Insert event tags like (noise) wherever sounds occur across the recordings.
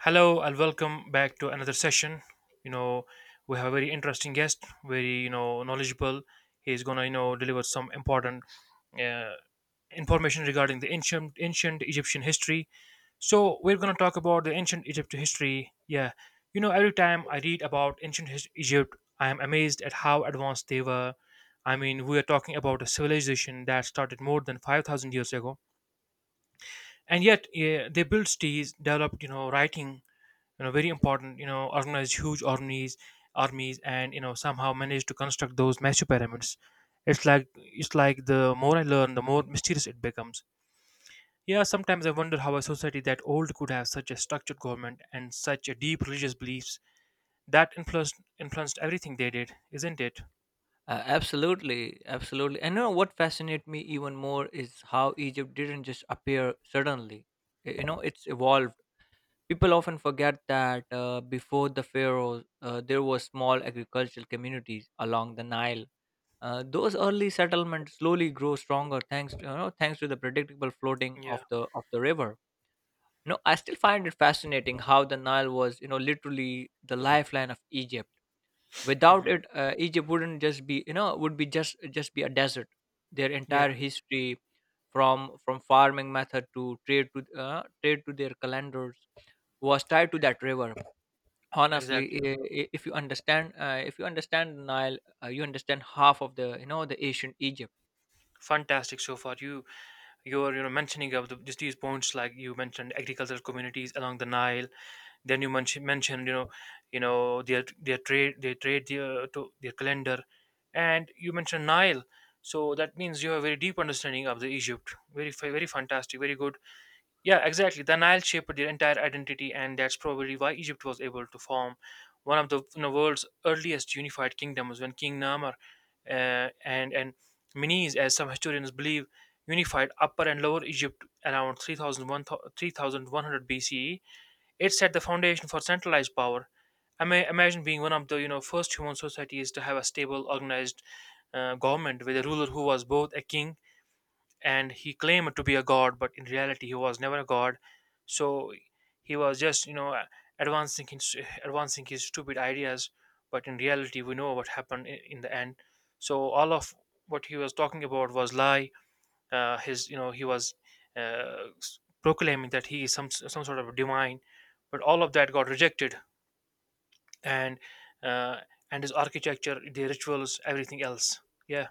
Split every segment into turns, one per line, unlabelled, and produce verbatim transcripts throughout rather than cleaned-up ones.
Hello and welcome back to another session. You know, we have a very interesting guest, very you know knowledgeable. He's gonna you know deliver some important uh, information regarding the ancient ancient Egyptian history. So we're gonna talk about the ancient Egypt history. Yeah, you know, every time I read about ancient his- Egypt, I am amazed at how advanced they were. I mean, we are talking about a civilization that started more than five thousand years ago, and yet yeah, they built cities, developed you know writing, you know very important, you know organized huge armies armies, and you know somehow managed to construct those massive pyramids. It's like it's like the more I learn, the more mysterious it becomes. Yeah, sometimes I wonder how a society that old could have such a structured government and such a deep religious beliefs that influenced influenced everything they did, isn't it?
Uh, absolutely, absolutely. And you know what fascinates me even more is how Egypt didn't just appear suddenly. Y- You know, it's evolved. People often forget that uh, before the pharaohs, uh, there were small agricultural communities along the Nile. Uh, those early settlements slowly grow stronger thanks to, you know, thanks to the predictable floating of
Yeah.
the of the river. You know, I still find it fascinating how the Nile was, you know, literally the lifeline of Egypt. Without
Hmm.
it uh, Egypt wouldn't just be, you know, would be just just be a desert. Their
Yeah.
entire history, from from farming method to trade to uh, trade to their calendars, was tied to that river. Honestly,
Exactly.
i- i- if you understand uh, if you understand Nile, uh, you understand half of the, you know, the ancient Egypt.
Fantastic. So far, you your you know mentioning of the, just these points, like you mentioned agricultural communities along the Nile. Then you mention, mentioned you know you know their their trade, they trade their to their calendar. And you mentioned Nile, so that means you have a very deep understanding of the Egypt, very fa- very fantastic, very good. Yeah, exactly. The Nile shaped their entire identity, and that's probably why Egypt was able to form one of the you know, world's earliest unified kingdoms when King Namar uh, and and Menes, as some historians believe, unified Upper and Lower Egypt around three thousand one three thousand one hundred B C E. It set the foundation for centralized power. I may imagine being one of the you know first human societies to have a stable, organized uh, government with a ruler who was both a king, and he claimed to be a god, but in reality he was never a god. So he was just you know advancing his advancing his stupid ideas. But in reality, we know what happened in, in the end. So all of what he was talking about was lie. Uh, his you know He was uh, s- proclaiming that he is some some sort of divine, but all of that got rejected. And uh, and his architecture, the rituals, everything else. Yeah.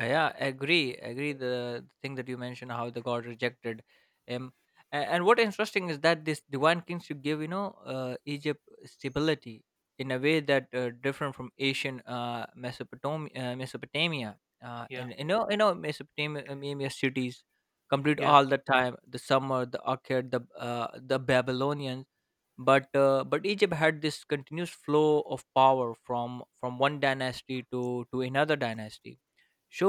Uh, yeah, agree agree the the thing that you mentioned how the god rejected him. A- and what interesting is that this divine kingship gave, you know, uh, Egypt stability in a way that uh, different from Asian uh, mesopotamia uh, Mesopotamia, uh,
Yeah.
and you know you know Mesopotamia cities complete
Yeah.
all the time, the Summer, the Akkad, the uh, the Babylonians. But uh, but Egypt had this continuous flow of power from from one dynasty to to another dynasty.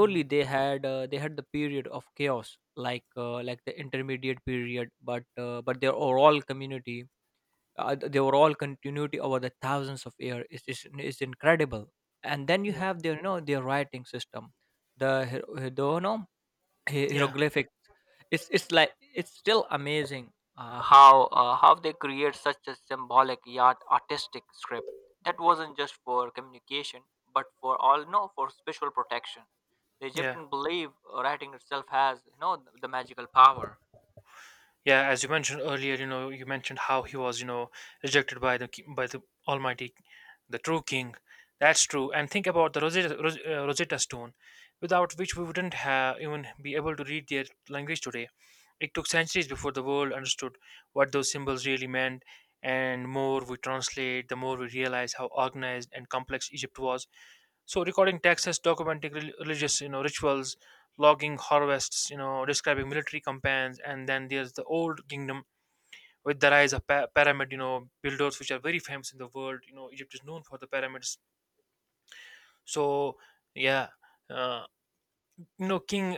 Mhm.
they had uh, they had the period of chaos like uh, like the intermediate period, but uh, but their overall community, uh, th- their overall continuity over the thousands of years is, is is incredible. And then you
Yeah.
have their, you know, their writing system, the the you know hie-
Yeah.
hieroglyphics. It's it's like it's still amazing uh, how uh, how they create such a symbolic yet artistic script that wasn't just for communication but for all, no, for spiritual protection. The
Yeah.
Egyptian believe writing itself has, you know, the magical power.
Yeah, as you mentioned earlier, you know, you mentioned how he was, you know, rejected by the ki- by the Almighty, the true King. That's true. And think about the Rosetta, Ros- uh, Rosetta Stone, without which we wouldn't have even be able to read their language today. It took centuries before the world understood what those symbols really meant. And more we translate, the more we realize how organized and complex Egypt was. So recording taxes, documenting rel- religious, you know, rituals, logging harvests, you know, describing military campaigns, and then there's the old kingdom with the rise of pa- pyramid, you know, builders, which are very famous in the world. You know, Egypt is known for the pyramids. So yeah, uh, you know, King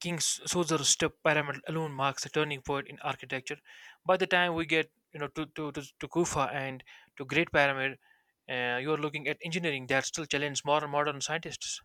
King Suser's step pyramid alone marks a turning point in architecture. By the time we get you know to to to, to Kufa and to Great Pyramid, uh, you are looking at engineering that still challenges modern modern scientists.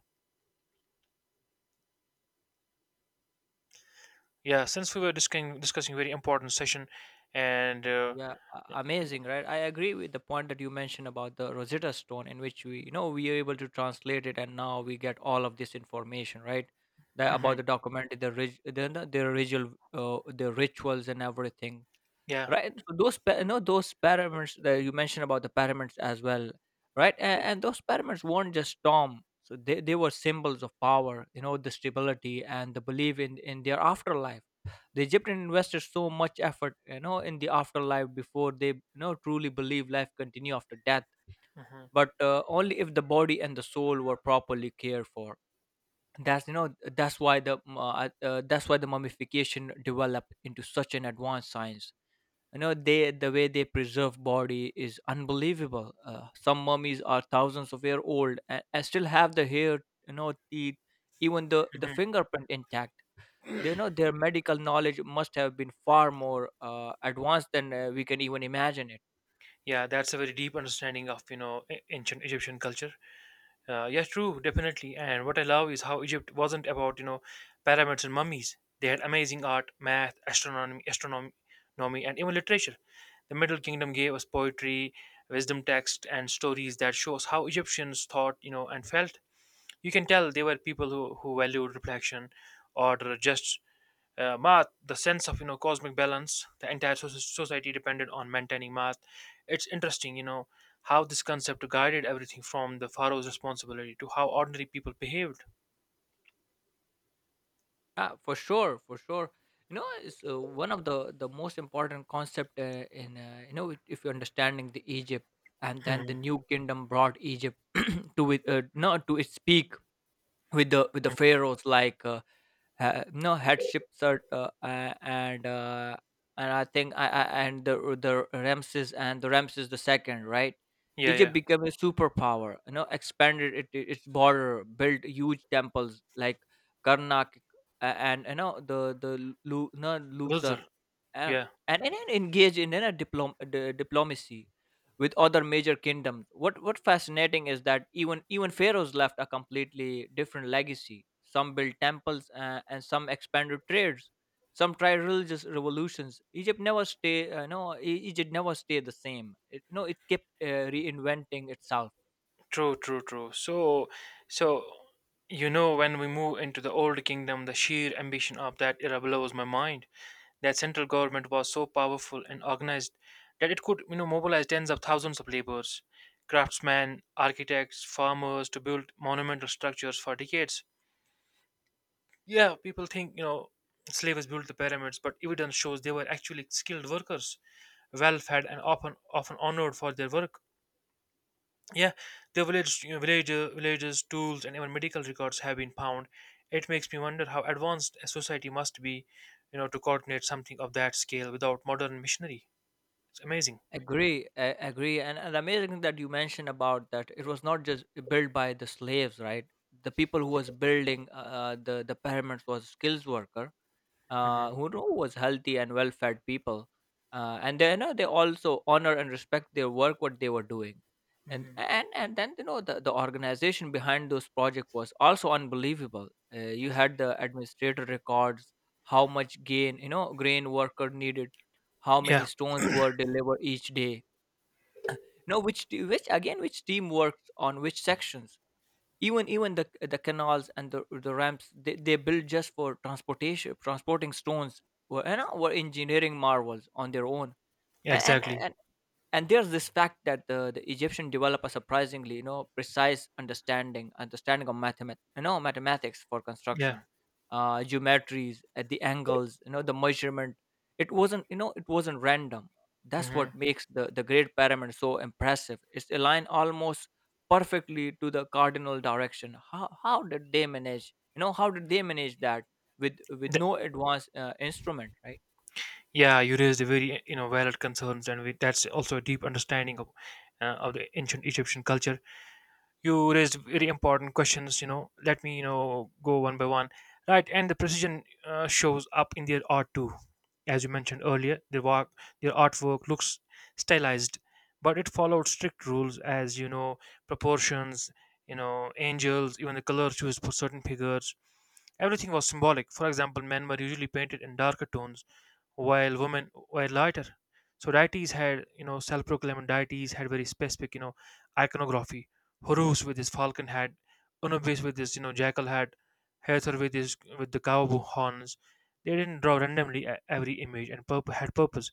Yeah, since we were discussing discussing very important session, and uh,
Yeah, a- amazing, right? I agree with the point that you mentioned about the Rosetta Stone, in which we, you know, we are able to translate it, and now we get all of this information, right? The,
Mhm.
about the document, the rig, the the the ritual, uh, the rituals, and everything,
Yeah,
right. So those pa- you know those pyramids that you mentioned, about the pyramids as well, right. and,
yeah.
and those pyramids weren't just storm, so they, they were symbols of power, you know, the stability and the belief in in their afterlife. The Egyptian invested so much effort, you know, in the afterlife before they, you know, truly believe life continue after death,
Mhm.
but uh, only if the body and the soul were properly cared for. That's you know that's why the uh, uh, that's why the mummification developed into such an advanced science. You know they the way they preserve body is unbelievable. Uh, some mummies are thousands of year old and, and still have the hair, you know, teeth, even the the
Mhm.
fingerprint intact. They know their medical knowledge must have been far more uh, advanced than uh, we can even imagine it.
Yeah, that's a very deep understanding of you know a- ancient Egyptian culture. Uh, yeah, true, definitely. And what I love is how Egypt wasn't about you know pyramids and mummies. They had amazing art, math, astronomy, astronomy, and even literature. The Middle Kingdom gave us poetry, wisdom texts, and stories that shows how Egyptians thought, you know, and felt. You can tell they were people who, who valued reflection, order, justice. Uh, math, the sense of you know cosmic balance, the entire soc- society depended on maintaining math. It's interesting, you know, how this concept guided everything from the pharaoh's responsibility to how ordinary people behaved.
Yeah, for sure for sure you know it's uh, one of the the most important concept uh, in uh, you know, if you're understanding the Egypt. And then the
Mhm.
new kingdom brought Egypt (clears throat) to it, uh, no to its peak with the with the pharaohs like uh, ha- no headships are uh, uh, and uh, and I think I, I and the the Ramses and the Ramses the second, right.
Yeah, yeah.
Egypt became a superpower, you know, expanded it, it- its border, built huge temples like Karnak uh, and you know the the Lu, no,
Those
Luxor.
are-
uh,
yeah.
and, and then engage in, you know, diplom, the diplomacy with other major kingdoms. What what fascinating is that even even pharaohs left a completely different legacy. Some built temples uh, and some expanded trades. Some tried religious revolutions. Egypt never stay. Uh, no, E- Egypt never stayed the same. It, no, it kept uh, reinventing itself.
True, true, true. So, so you know, when we move into the old kingdom, the sheer ambition of that era blows my mind. That central government was so powerful and organized that it could, you know, mobilize tens of thousands of laborers, craftsmen, architects, farmers to build monumental structures for decades. Yeah, people think, you know, slavers built the pyramids, but evidence shows they were actually skilled workers, well fed and often often honored for their work. Yeah, the village, you know, villager, villages, tools, and even medical records have been found. It makes me wonder how advanced a society must be, you know, to coordinate something of that scale without modern machinery. It's amazing.
Agree, uh, agree, and, and the amazing thing that you mentioned about that it was not just built by the slaves, right? The people who was building uh, uh, the the pyramids was skills worker
Hmm.
uh, who know was healthy and well-fed people, uh, and they, you know, they also honor and respect their work what they were doing, and
Hmm.
and and then, you know, the, the organization behind those project was also unbelievable. Uh, you had
Exactly.
the administrator records, how much gain, you know, grain worker needed, how many
Yeah.
stones were delivered each day. No, which t- which again which team worked on which sections, even even the the canals and the the ramps they, they built just for transportation transporting stones were, you know, were engineering marvels on their own.
Yeah,
and,
exactly.
and and there's this fact that the, the Egyptian develop a surprisingly, you know, precise understanding understanding of mathemat- you know, mathematics for
Yeah.
construction. Uh geometries at the angles, you know, the measurement. It wasn't, you know, it wasn't random. That's what
Hmm.
makes the the great pyramid so impressive. It's aligned almost perfectly to the cardinal direction. how how did they manage, you know, how did they manage that with with
Th-
no advanced uh, instrument, right?
yeah, you raised a very you know valid concerns, and we, that's also a deep understanding of uh, of the ancient Egyptian culture. You raised very important questions. You know let me you know go one by one. Right, and the precision uh, shows up in their art too, as you mentioned earlier. Their work their artwork looks stylized, but it followed strict rules, as you know, proportions, you know angels, even the color choice for certain figures. Everything was symbolic. For example, men were usually painted in darker tones, while women were lighter. So deities had, you know, self-proclaimed deities had very specific, you know, iconography. Horus with his falcon head, Anubis with his, you know, jackal head, Hathor with his with the cow horns. They didn't draw randomly. E- every image and purp- had purpose.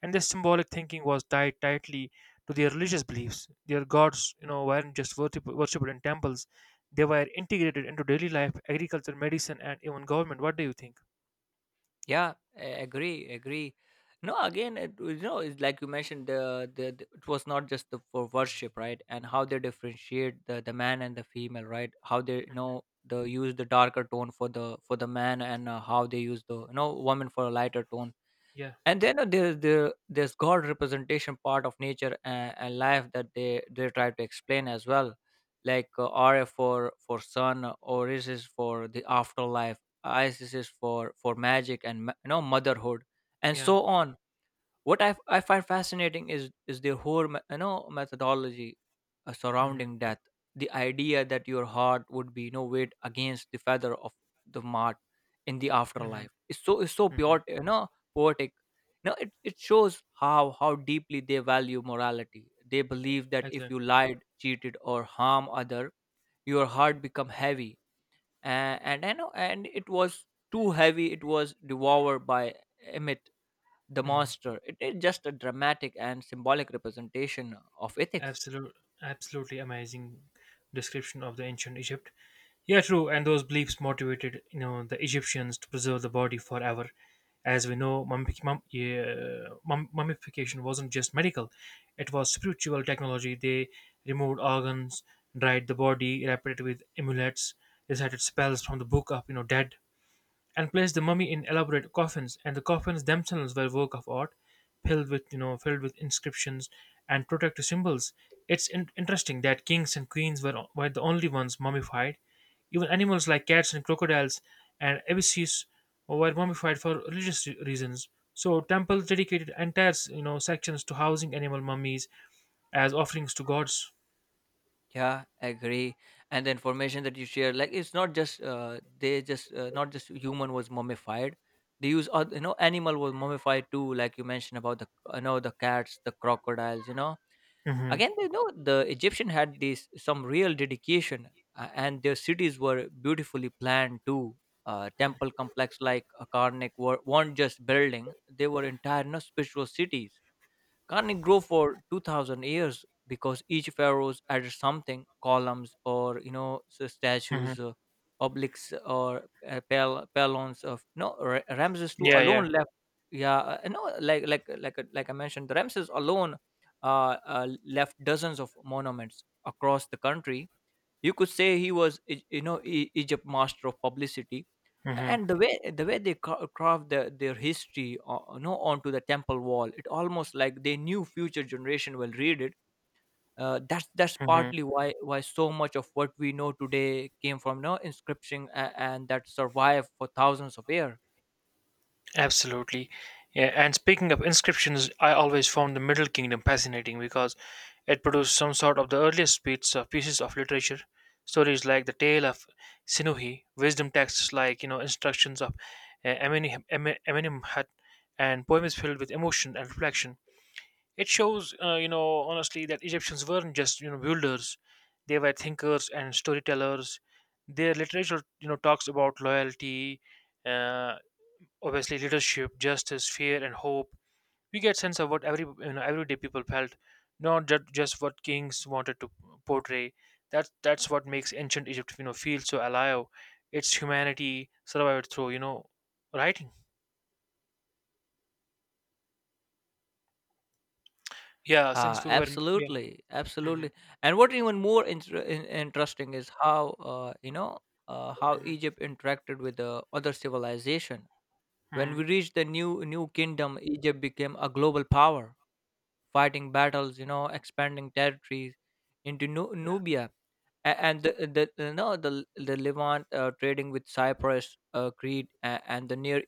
And this symbolic thinking was tied tightly to their religious beliefs. Their gods, you know, weren't just worship- worshipped in temples; they were integrated into daily life, agriculture, medicine, and even government. What do you think?
Yeah, a- agree, agree. No, again, it, you know, it's like you mentioned, the, the, the it was not just the, for worship, right? And how they differentiate the the man and the female, right? How they, you
Hmm.
know, the use the darker tone for the for the man, and uh, how they use the, you know, woman for a lighter tone.
Yeah,
And then uh, there, there there's god representation part of nature and, and life that they they try to explain as well, like uh, Ra for for sun, uh, Oris is for the afterlife, Isis is for for magic and ma- you know, motherhood, and
yeah.
so on. What I, I find fascinating is is their whole me- you know, methodology uh,
Hmm.
surrounding death. The idea that your heart would be, no, weight against the feather of the mart in the
Hmm.
afterlife is so is so
Mhm.
pure, you know, poetic. Now it, it shows how how deeply they value morality. They believe that if you
Exactly.
lied, cheated, or harm other, your heart become heavy. And and I know and it was too heavy. It was devoured by Emmet, the
Mhm.
monster. It is just a dramatic and symbolic representation of ethics.
Absolute, Absolutely amazing description of the ancient Egypt. Yeah, true. And those beliefs motivated, you know, the Egyptians to preserve the body forever. As we know, mummific- mum, yeah, mum, mummification wasn't just medical; it was spiritual technology. They removed organs, dried the body, wrapped it with amulets, recited spells from the book of, you know, dead, and placed the mummy in elaborate coffins. And the coffins themselves were a work of art, filled with you know filled with inscriptions and protective symbols. It's in- interesting that kings and queens were were the only ones mummified. Even animals like cats and crocodiles and abysses were mummified for religious re- reasons. So temples dedicated entire you know sections to housing animal mummies as offerings to gods.
Yeah, agree. And the information that you share, like it's not just uh, they just uh, not just human was mummified. They use oth- you know, animal was mummified too, like you mentioned about the, you know, the cats, the crocodiles. You know,
Hmm.
again they know the Egyptian had this some real dedication, uh, and their cities were beautifully planned too. Uh, temple complex like Akarnik were, weren't just building; they were entire, you know, spiritual cities. Can gardening grow for two thousand years because each pharaohs added something, columns or, you know, s-
Hmm.
statues, uh, obelisks or uh, pal- pylons. Of, no, Ra- Ramses two
Yeah,
alone
yeah.
left, yeah, uh, no like like like like I mentioned, Ramses alone uh, uh, left dozens of monuments across the country. You could say he was, e- you know, e- Egypt master of publicity.
Hmm.
And the way the way they ca- carved their, their history uh, you know, onto the temple wall. It almost like they knew future generation will read it. uh, that's that's
Hmm.
partly why why so much of what we know today came from, no, inscription and, and that survived for thousands of years.
Absolutely. Yeah, and speaking of inscriptions, I always found the Middle Kingdom fascinating because it produced some sort of the earliest bits of pieces of literature, stories like the Tale of Sinuhi, wisdom texts like you know instructions of uh, Amenem- Ame- Amenemhat, and poems filled with emotion and reflection. It shows, uh, you know, honestly, that Egyptians weren't just you know builders; they were thinkers and storytellers. Their literature, you know, talks about loyalty, uh, obviously leadership, justice, fear, and hope. We get sense of what every you know everyday people felt, not ju- just what kings wanted to portray. That's that's what makes ancient Egypt you know feel so alive. Its humanity survived through you know writing. Yeah,
Uh,
since we were, yeah.
absolutely,
Hmm.
absolutely. And what even more inter- in- interesting is how uh, you know uh, how
Hmm.
Egypt interacted with the other civilization. When we
Hmm.
reached the new new kingdom, Egypt became a global power, fighting battles, you know, expanding territories into Nu- Nubia, a- and the, the the- no the the Levant, uh, trading with Cyprus, uh, Crete, uh, and the Near